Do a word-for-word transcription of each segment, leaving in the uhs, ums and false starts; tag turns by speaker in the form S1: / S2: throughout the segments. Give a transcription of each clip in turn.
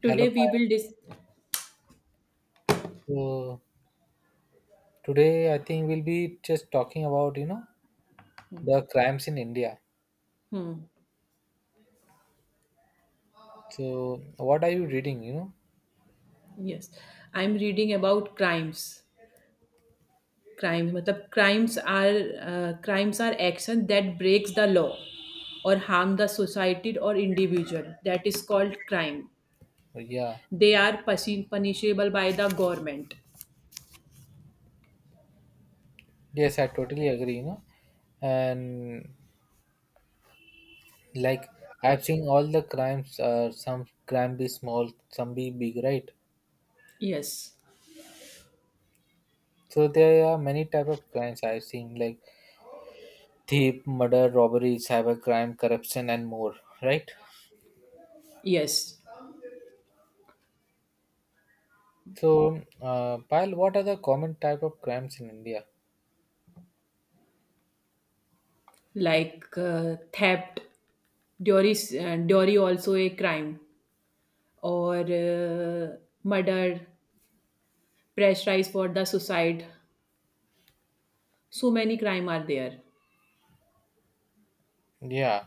S1: Hello,
S2: Today we
S1: Payal.
S2: will dis.
S1: So today I think we'll be just talking about, you know, the crimes in India.
S2: Hmm.
S1: So what are you reading, you know?
S2: Yes, I'm reading about crimes. Crimes, मतलब crimes are uh, crimes are action that breaks the law or harm the society or individual. That is called crime.
S1: Yeah.
S2: They are punish- punishable by the government.
S1: Yes, I totally agree, you know. And like I've seen all the crimes, uh, some crime be small, some be big, right?
S2: Yes,
S1: So there are many type of crimes I've seen, like thief, murder, robbery, cyber crime, corruption, and more, right?
S2: yes,
S1: So, uh, Payal, what are the common type of crimes in India?
S2: like uh, theft. Dowry, is- uh, dowry also a crime or uh, murder, pressurize for the suicide. So many crime are there.
S1: Yeah.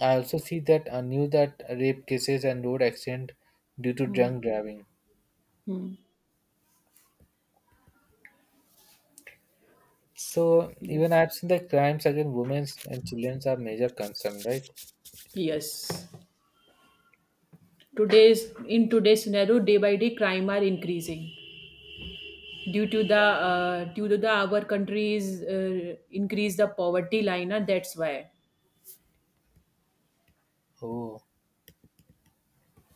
S1: I also see that I knew that rape cases and road accident due to
S2: Hmm.
S1: drunk driving.
S2: Hmm.
S1: So even
S2: Yes.
S1: I've seen that crimes against women and children are major concern, right?
S2: Yes. Today's in today's scenario, day by day, crime are increasing due to the uh, due to the our countries uh, increase the poverty line. Uh, that's why
S1: Oh,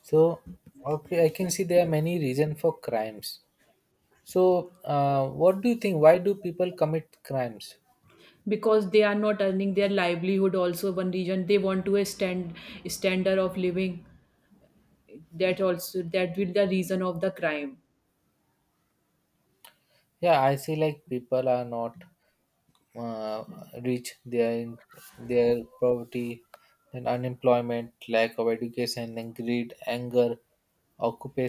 S1: so okay, I can see there are many reasons for crimes. So, uh, what do you think? Why do people commit crimes?
S2: because they are not earning their livelihood. Also, one reason they want to a stand standard of living. That also that will the reason of the crime.
S1: Yeah, I see like people are not uh, reach their their poverty, then unemployment, lack of education, then greed, anger,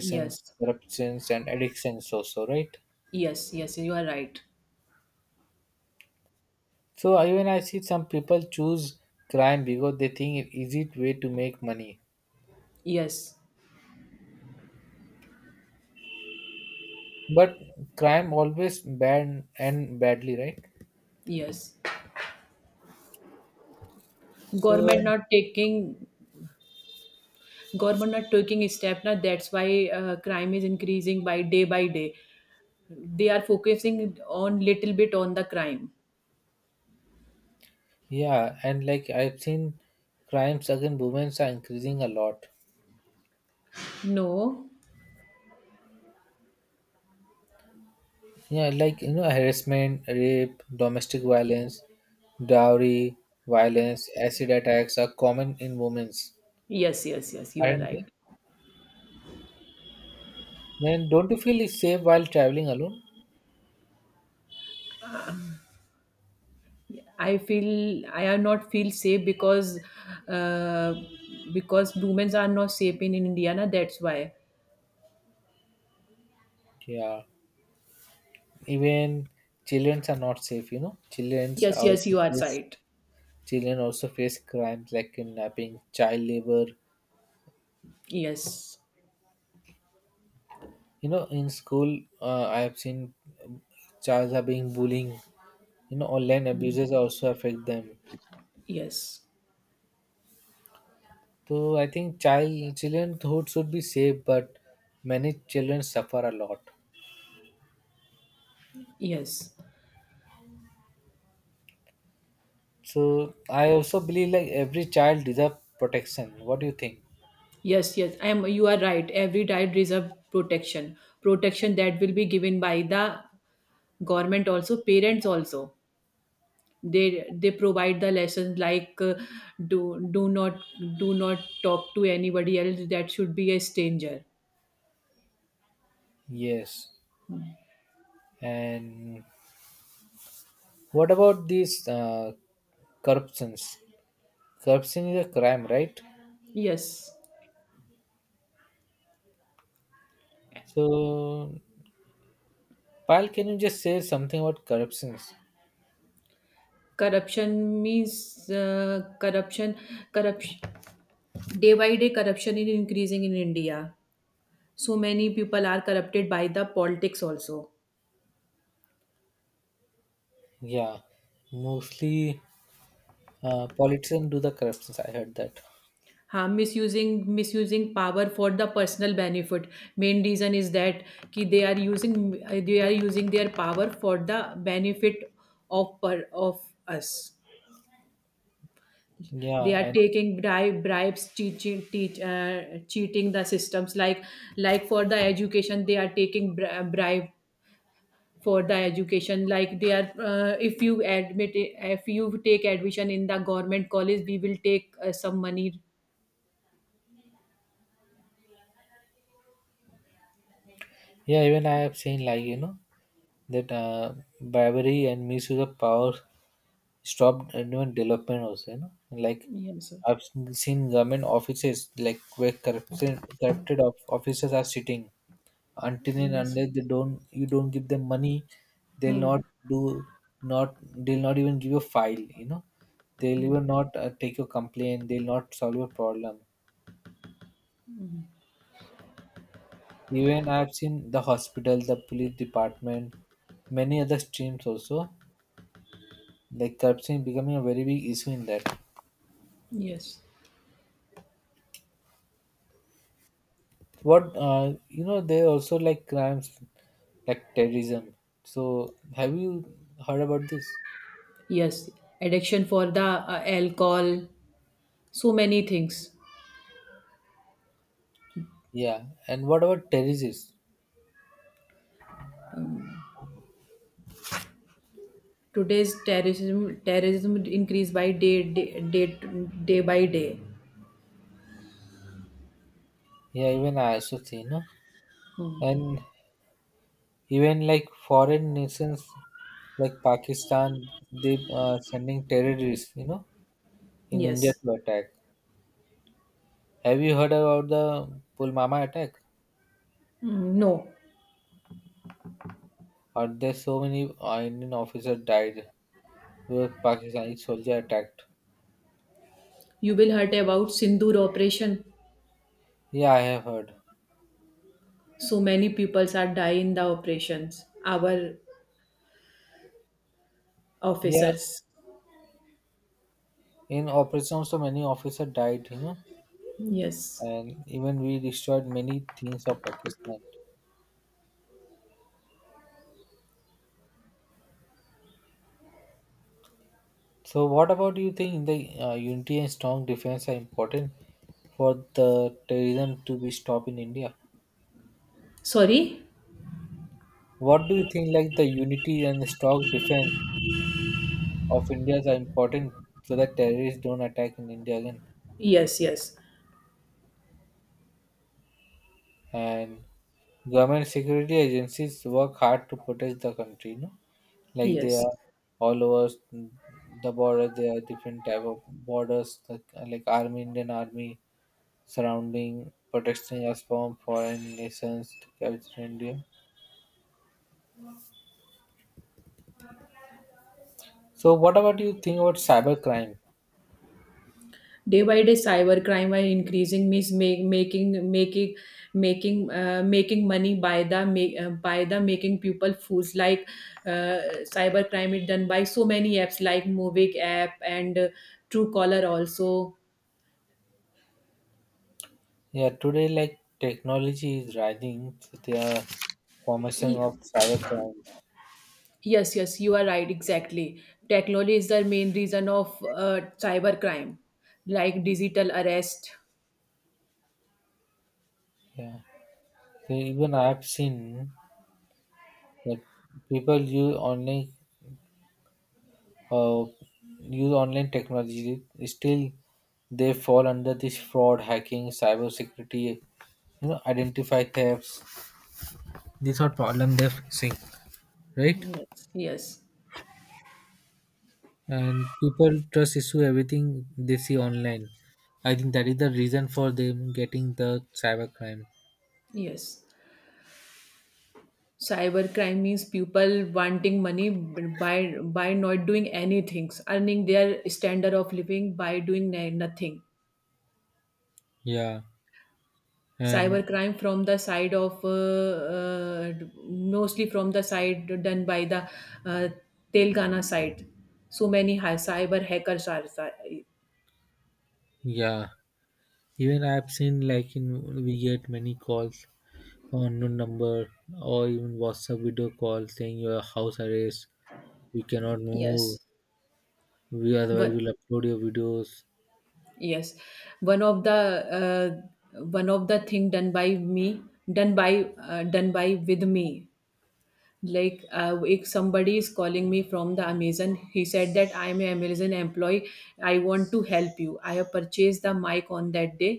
S2: Yes.
S1: corruptions, and addictions also, right?
S2: Yes. Yes. You are right.
S1: So even I see some people choose crime because they think it easy way to make money.
S2: Yes.
S1: But crime always bad and badly, right?
S2: Yes.
S1: So
S2: Government not taking Government not taking a step now, that's why uh, crime is increasing by day by day. They are focusing on little bit on the crime.
S1: yeah, and like I've seen crimes against women are increasing a lot.
S2: No.
S1: Yeah, like you know, harassment, rape, domestic violence, dowry violence, acid attacks are common in women's,
S2: Yes, yes, yes, you are
S1: aren't they?
S2: right.
S1: Then don't you feel it's safe while traveling alone?
S2: I feel I am not feel safe because uh, because women are not safe in Indiana, that's why.
S1: Yeah, even children are not safe. You know, children
S2: Yes, yes,
S1: also
S2: you are
S1: face
S2: right.
S1: children also face crimes like kidnapping, child labor.
S2: Yes,
S1: You know, in school, uh, I have seen um, childs are being bullying. You know, online abuses also affect them.
S2: yes.
S1: So I think child childhood should be safe, but many children suffer a lot.
S2: Yes,
S1: So I also believe like every child deserves protection. What do you think?
S2: yes, yes. I am. You are right. Every diet deserve protection. Protection that will be given by the government, also parents also. They they provide the lessons, like uh, do do not do not talk to anybody else that should be a stranger.
S1: Yes. And what about these uh, corruptions? Corruption is a crime, right?
S2: Yes.
S1: So, Pal, can you just say something about corruptions?
S2: Corruption means uh, corruption corruption. Day by day corruption is increasing in India, so many people are corrupted by the politics also.
S1: Yeah, mostly uh, politicians do the corruptions. I heard that.
S2: हाँ, misusing misusing power for the personal benefit. Main reason is that कि they are using, they are using their power for the benefit of per of us.
S1: Yeah,
S2: They are
S1: I
S2: taking bribe, bribes, teaching, teach, uh, cheating the systems. Like like for the education, they are taking bri- bribe for the education. Like they are, uh, if you admit, if you take admission in the government college, we will take uh, some money.
S1: Yeah, even I have seen like you know that uh, bribery and misuse of power stopped even development also. You know, like
S2: Yes, sir.
S1: I've seen seen government offices like where corrupted corrupted of officers are sitting until and
S2: Yes.
S1: unless they don't you don't give them money, they'll
S2: Hmm.
S1: not do not they'll not even give you a file. You know, they'll even not uh, take your complaint. They'll not solve your problem. Even I've seen the hospital, the police department, many other streams also. Like corruption becoming a very big issue in that.
S2: Yes,
S1: What uh, you know, they also like crimes like terrorism. So have you heard about this?
S2: yes, addiction for the uh, alcohol, so many things.
S1: Yeah. And what about terrorists?
S2: Today's terrorism terrorism increase by day day day, day by day.
S1: Yeah, even I also see, you know.
S2: Hmm.
S1: And even like foreign nations like Pakistan, they uh, sending terrorists, you know, in India
S2: Yes.
S1: to attack. Have you heard about the Pulwama attack?
S2: Mm, no.
S1: And there's so many uh, Indian officers died were Pakistani soldier attacked?
S2: You will heard about Sindoor operation.
S1: Yeah, I have heard.
S2: So many peoples are die in the operations. Our
S1: Yeah,
S2: officers.
S1: in operation so many officers died, you know,
S2: Yes.
S1: and even we destroyed many things of Pakistan. So, what about you think the uh, unity and strong defense are important for the terrorism to be stopped in India?
S2: Sorry.
S1: What do you think like the unity and strong defense of India are important so that terrorists don't attack in India again?
S2: Yes. Yes.
S1: And government security agencies work hard to protect the country, you know, like they
S2: Yes.
S1: are all over the border. There are different type of borders, like, like army, indian army surrounding, protecting us from foreign nations captured in india. So what about you think about cybercrime?
S2: Day by day, cyber crime are increasing, means make, making making making uh, making money by the make, uh, by the making people fools. Like uh, cyber crime is done by so many apps like Movic app and uh, Truecaller also.
S1: Yeah, today like technology is rising, so there are formation
S2: Ye-
S1: of cyber crimes.
S2: Yes, yes, you are right. Exactly. Technology is the main reason of uh, cyber crime. Like digital arrest.
S1: Yeah, so even I have seen that people use online uh, use online technology, still they fall under this fraud, hacking, cyber security, you know, identify thefts. These are problem they're facing, right?
S2: Yes, yes,
S1: And people trust issue everything they see online. I think that is the reason for them getting the cyber crime.
S2: yes. Cybercrime means people wanting money by by not doing anything, earning their standard of living by doing na- nothing.
S1: Yeah, and
S2: Cybercrime from the side of uh, uh, mostly from the side done by the uh, Telangana side. So many high cyber hackers are si-.
S1: yeah, even I've seen like in we get many calls, unknown number, or even WhatsApp video call saying your house arrest. We cannot move.
S2: Yes.
S1: We otherwise
S2: One.
S1: will upload your videos.
S2: Yes, one of the uh, one of the thing done by me done by uh, done by with me. Like uh, if somebody is calling me from the Amazon, he said that I am an Amazon employee, I want to help you, I have purchased the mic on that day.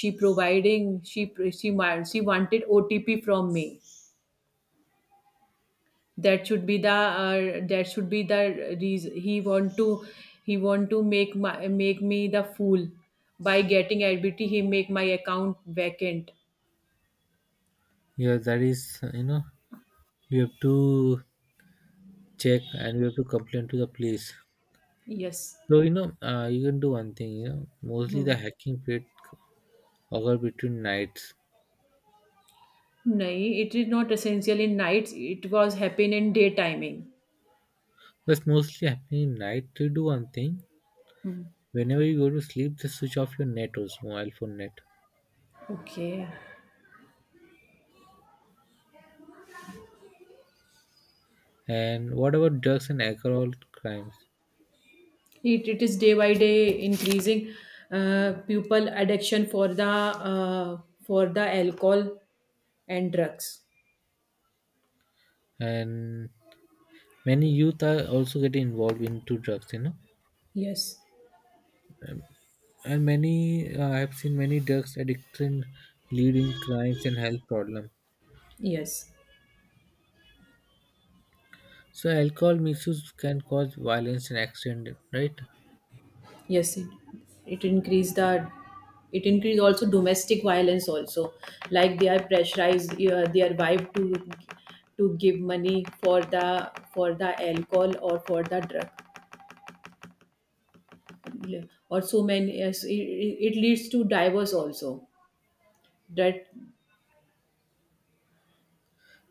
S2: she providing she she wa- she wanted OTP from me. That should be the uh, that should be the reason he want to, he want to make my, make me the fool. By getting ADBT, he make my account vacant.
S1: Yeah, that is, you know, you have to check and you have to complain to the police.
S2: Yes.
S1: So you know, uh, you can do one thing. You know mostly the
S2: Hmm.
S1: hacking period occur between nights.
S2: No, it is not essential in nights, it was happen in day timing.
S1: That's mostly happening in night. To do one thing,
S2: Hmm.
S1: whenever you go to sleep, just switch off your net also mobile phone net.
S2: Okay.
S1: And what about drugs and alcohol crimes?
S2: It, it is day by day increasing. Uh, people addiction for the uh, for the alcohol and drugs.
S1: And many youth are also getting involved into drugs, you know,
S2: Yes.
S1: and many uh, I have seen many drugs addiction leading crimes and health problems.
S2: Yes.
S1: So alcohol misuse can cause violence and accident, right?
S2: Yes. It, it increase the, it increase also domestic violence also. Like they are pressurized uh, their wife to to give money for the for the alcohol or for the drug, or so many. Yes, it, it it leads to divorce also. That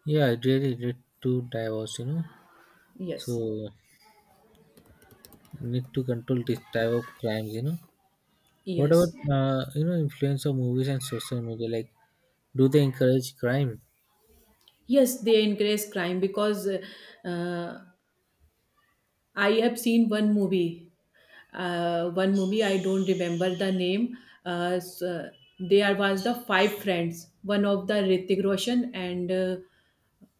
S1: Yeah, it really lead to divorce, you know.
S2: yes.
S1: So need to control this type of crimes, you know. What about
S2: Yes,
S1: uh, you know, influence of movies and social media like, do they encourage crime?
S2: yes, they encourage crime because uh, uh, I have seen one movie. Uh, one movie I don't remember the name. Uh, so there was the five friends. One of the Ritik Roshan and uh,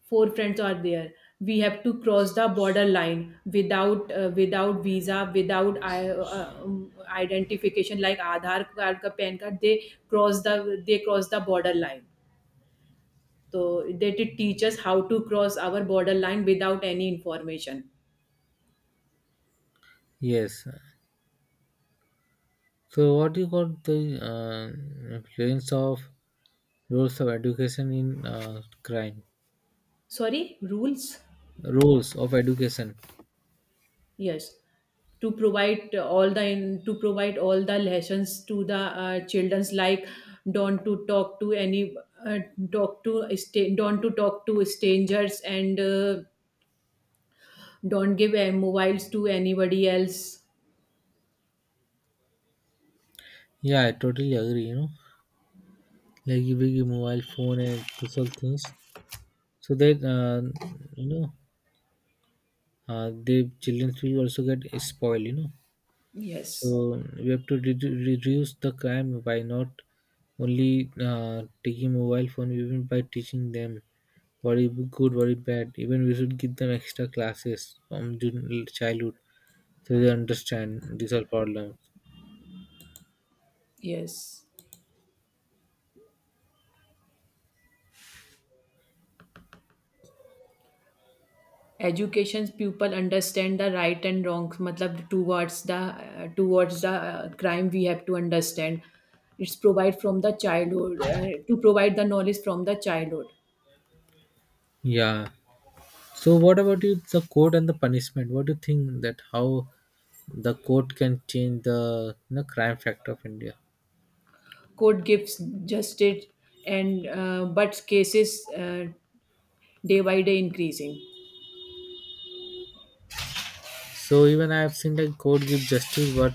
S2: four friends are there. We have to cross the border line without uh, without visa, without I, uh, um, identification like Aadhaar card, ka P A N card. They cross the they cross the border line. So they did teach us how to cross our borderline without any information.
S1: Yes. So, what do you call the uh, influence of roles of education in uh, crime?
S2: Sorry, rules?
S1: Roles of education.
S2: Yes, to provide all the in, to provide all the lessons to the uh, childrens, like don't to talk to any uh, talk to sta- don't to talk to strangers, and uh, don't give uh, mobiles to anybody else.
S1: Yeah, I totally agree. You know, like you big mobile phone and these all things, so that uh, you know, uh, the children will also get spoiled. You know, so
S2: Yes.
S1: we have to redu reduce the crime by not only uh, taking mobile phone, even by teaching them what is good, what is bad. Even we should give them extra classes from jun- childhood so they understand these are problems.
S2: Yes. Education's people understand the right and wrong, matlab towards the uh, towards the uh, crime we have to understand. It's provide from the childhood, uh, to provide the knowledge from the childhood.
S1: Yeah. So what about you? The code and the punishment. What do you think that how the code can change the, you know, crime factor of India?
S2: Court gives justice, and uh, but cases uh, day by day increasing.
S1: So even I have seen like code give justice, what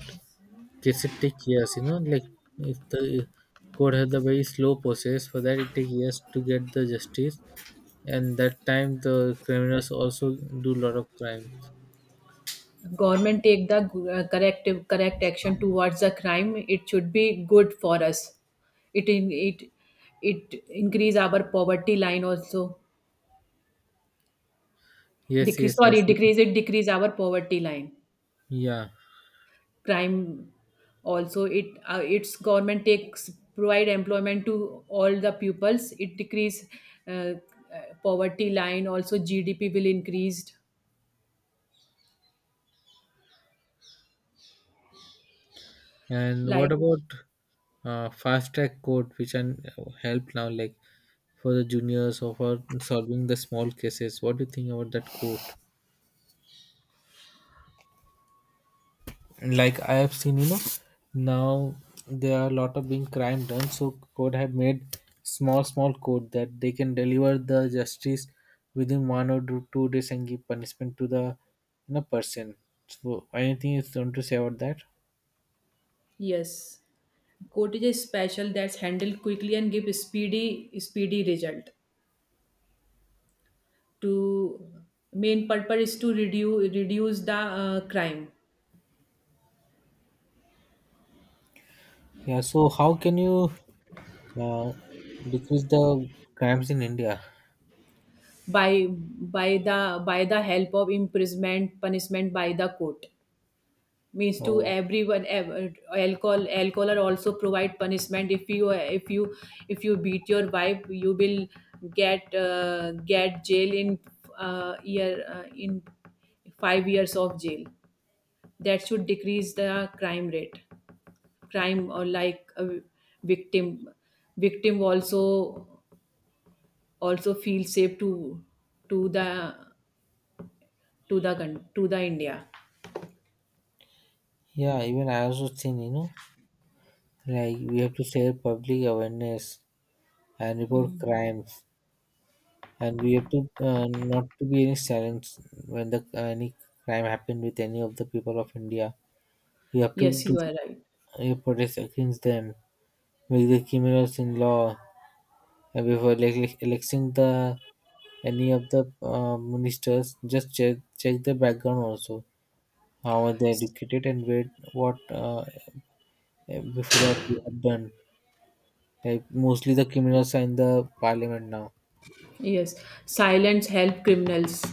S1: case it take years, you know, like if the code has a very slow process for that, it takes years to get the justice, and that time the criminals also do lot of crime.
S2: Government take the uh, corrective correct action towards the crime, it should be good for us. It in- it it increase our poverty line also.
S1: Yes,
S2: Decrease,
S1: yes, I
S2: sorry,
S1: see.
S2: decrease it, decrease our poverty line.
S1: Yeah.
S2: Crime also, it uh, its government takes provide employment to all the pupils. It decrease uh, uh, poverty line. Also, G D P will increased.
S1: And what
S2: Like
S1: about uh, fast track code which can help now, like for the juniors or for solving the small cases? What do you think about that code? And like I have seen, you know, now there are a lot of being crime done. So code have made small, small code that they can deliver the justice within one or two two days and give punishment to the, you know, person. So anything is going to say about that?
S2: yes, cottage is a special that's handled quickly and give speedy speedy result. To Main purpose is to reduce reduce the uh, crime
S1: Yeah. So how can you uh, decrease the crimes in India?
S2: by by the by the help of imprisonment punishment by the court. Means to
S1: Oh,
S2: everyone, ev- alcohol, alcohol are also provide punishment. If you if you if you beat your wife, you will get uh, get jail in uh, year uh, in five years of jail. That should decrease the crime rate. Crime or like a victim, victim also, also feel safe to to the, to the coun- to the India.
S1: yeah. Even I also seen, you know, like we have to share public awareness and report
S2: Mhm.
S1: crimes, and we have to uh, not to be any silence when the uh, any crime happened with any of the people of India. You have to
S2: Yes,
S1: do
S2: you are
S1: you protest against them, make the criminals in law, and before, like, like electing the any of the uh, ministers, just check check the background also, how are they
S2: right.
S1: educated and where what uh, before that we have done. Like mostly the criminals are in the parliament now.
S2: Yes, silence help criminals.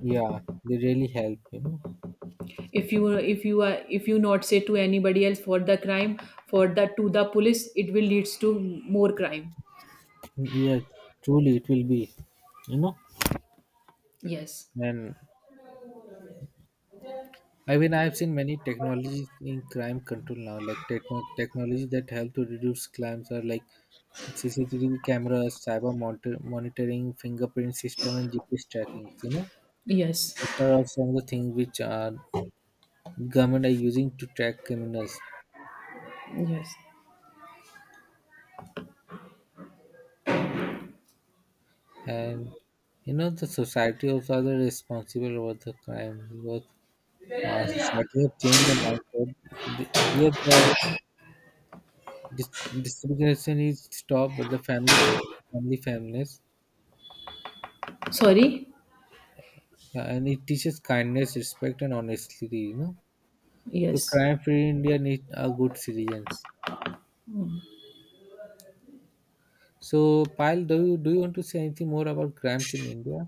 S1: Yeah, they really help, you know.
S2: If you, if you are, if you not say to anybody else for the crime, for the to the police, it will leads to more crime.
S1: Yeah, truly it will be, you know.
S2: Yes,
S1: And I mean, I have seen many technologies in crime control now, like techno technology that help to reduce crimes are like C C T V cameras, cyber monitor- monitoring, fingerprint system, and G P S tracking. You know,
S2: yes,
S1: these are all some of the things which uh, government are using to track criminals,
S2: yes.
S1: and you know the society also are the responsible over the crime because uh, society have changed the mindset. The, yet the Dis- discrimination is stopped, but the family family fairness,
S2: Sorry.
S1: yeah, and it teaches kindness, respect, and honesty. You know, so
S2: Yes.
S1: crime-free India need a good citizens. So, Pyle, do you do you want to say anything more about crimes in India?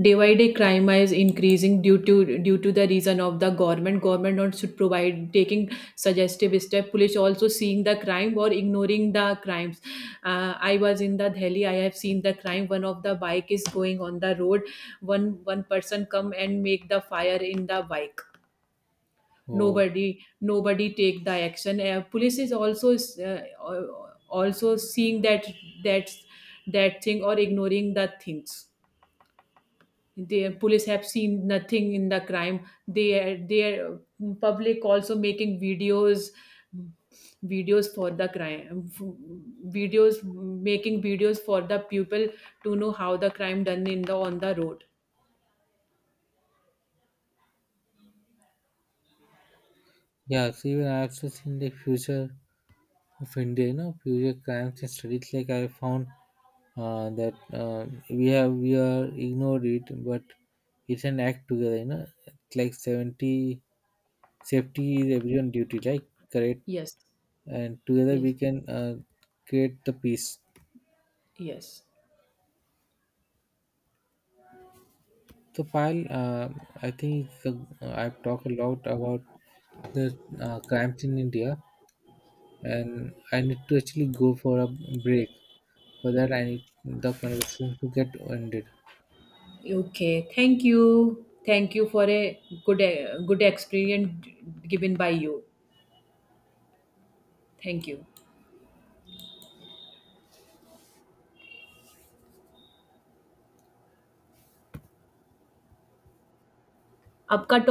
S2: Day by day crime is increasing due to due to the reason of the government. Government not should provide taking suggestive step. Police also seeing the crime or ignoring the crimes. Uh, I was in the Delhi. I have seen the crime. One of the bike is going on the road. One one person come and make the fire in the bike.
S1: Oh,
S2: Nobody nobody take the action. Uh, police is also uh, also seeing that that that thing, or ignoring the things. The police have seen nothing in the crime. They they public also making videos, videos for the crime, videos making videos for the people to know how the crime done in the on the road.
S1: yeah. So even I also seen the future of India. You know, future crimes and studies. Like I found uh, that uh, we have we are ignored it, but it's an act together. You know, like seventy safety is everyone duty like correct,
S2: Yes,
S1: and together we
S2: yes,
S1: can uh, create the peace.
S2: yes.
S1: So file, uh, I think, uh, I've talked a lot about the uh, crimes in india, and I need to actually go for a break. For that I need the conversation to get ended.
S2: Okay, thank you, thank you for a good good experience given by you. Thank you. आपका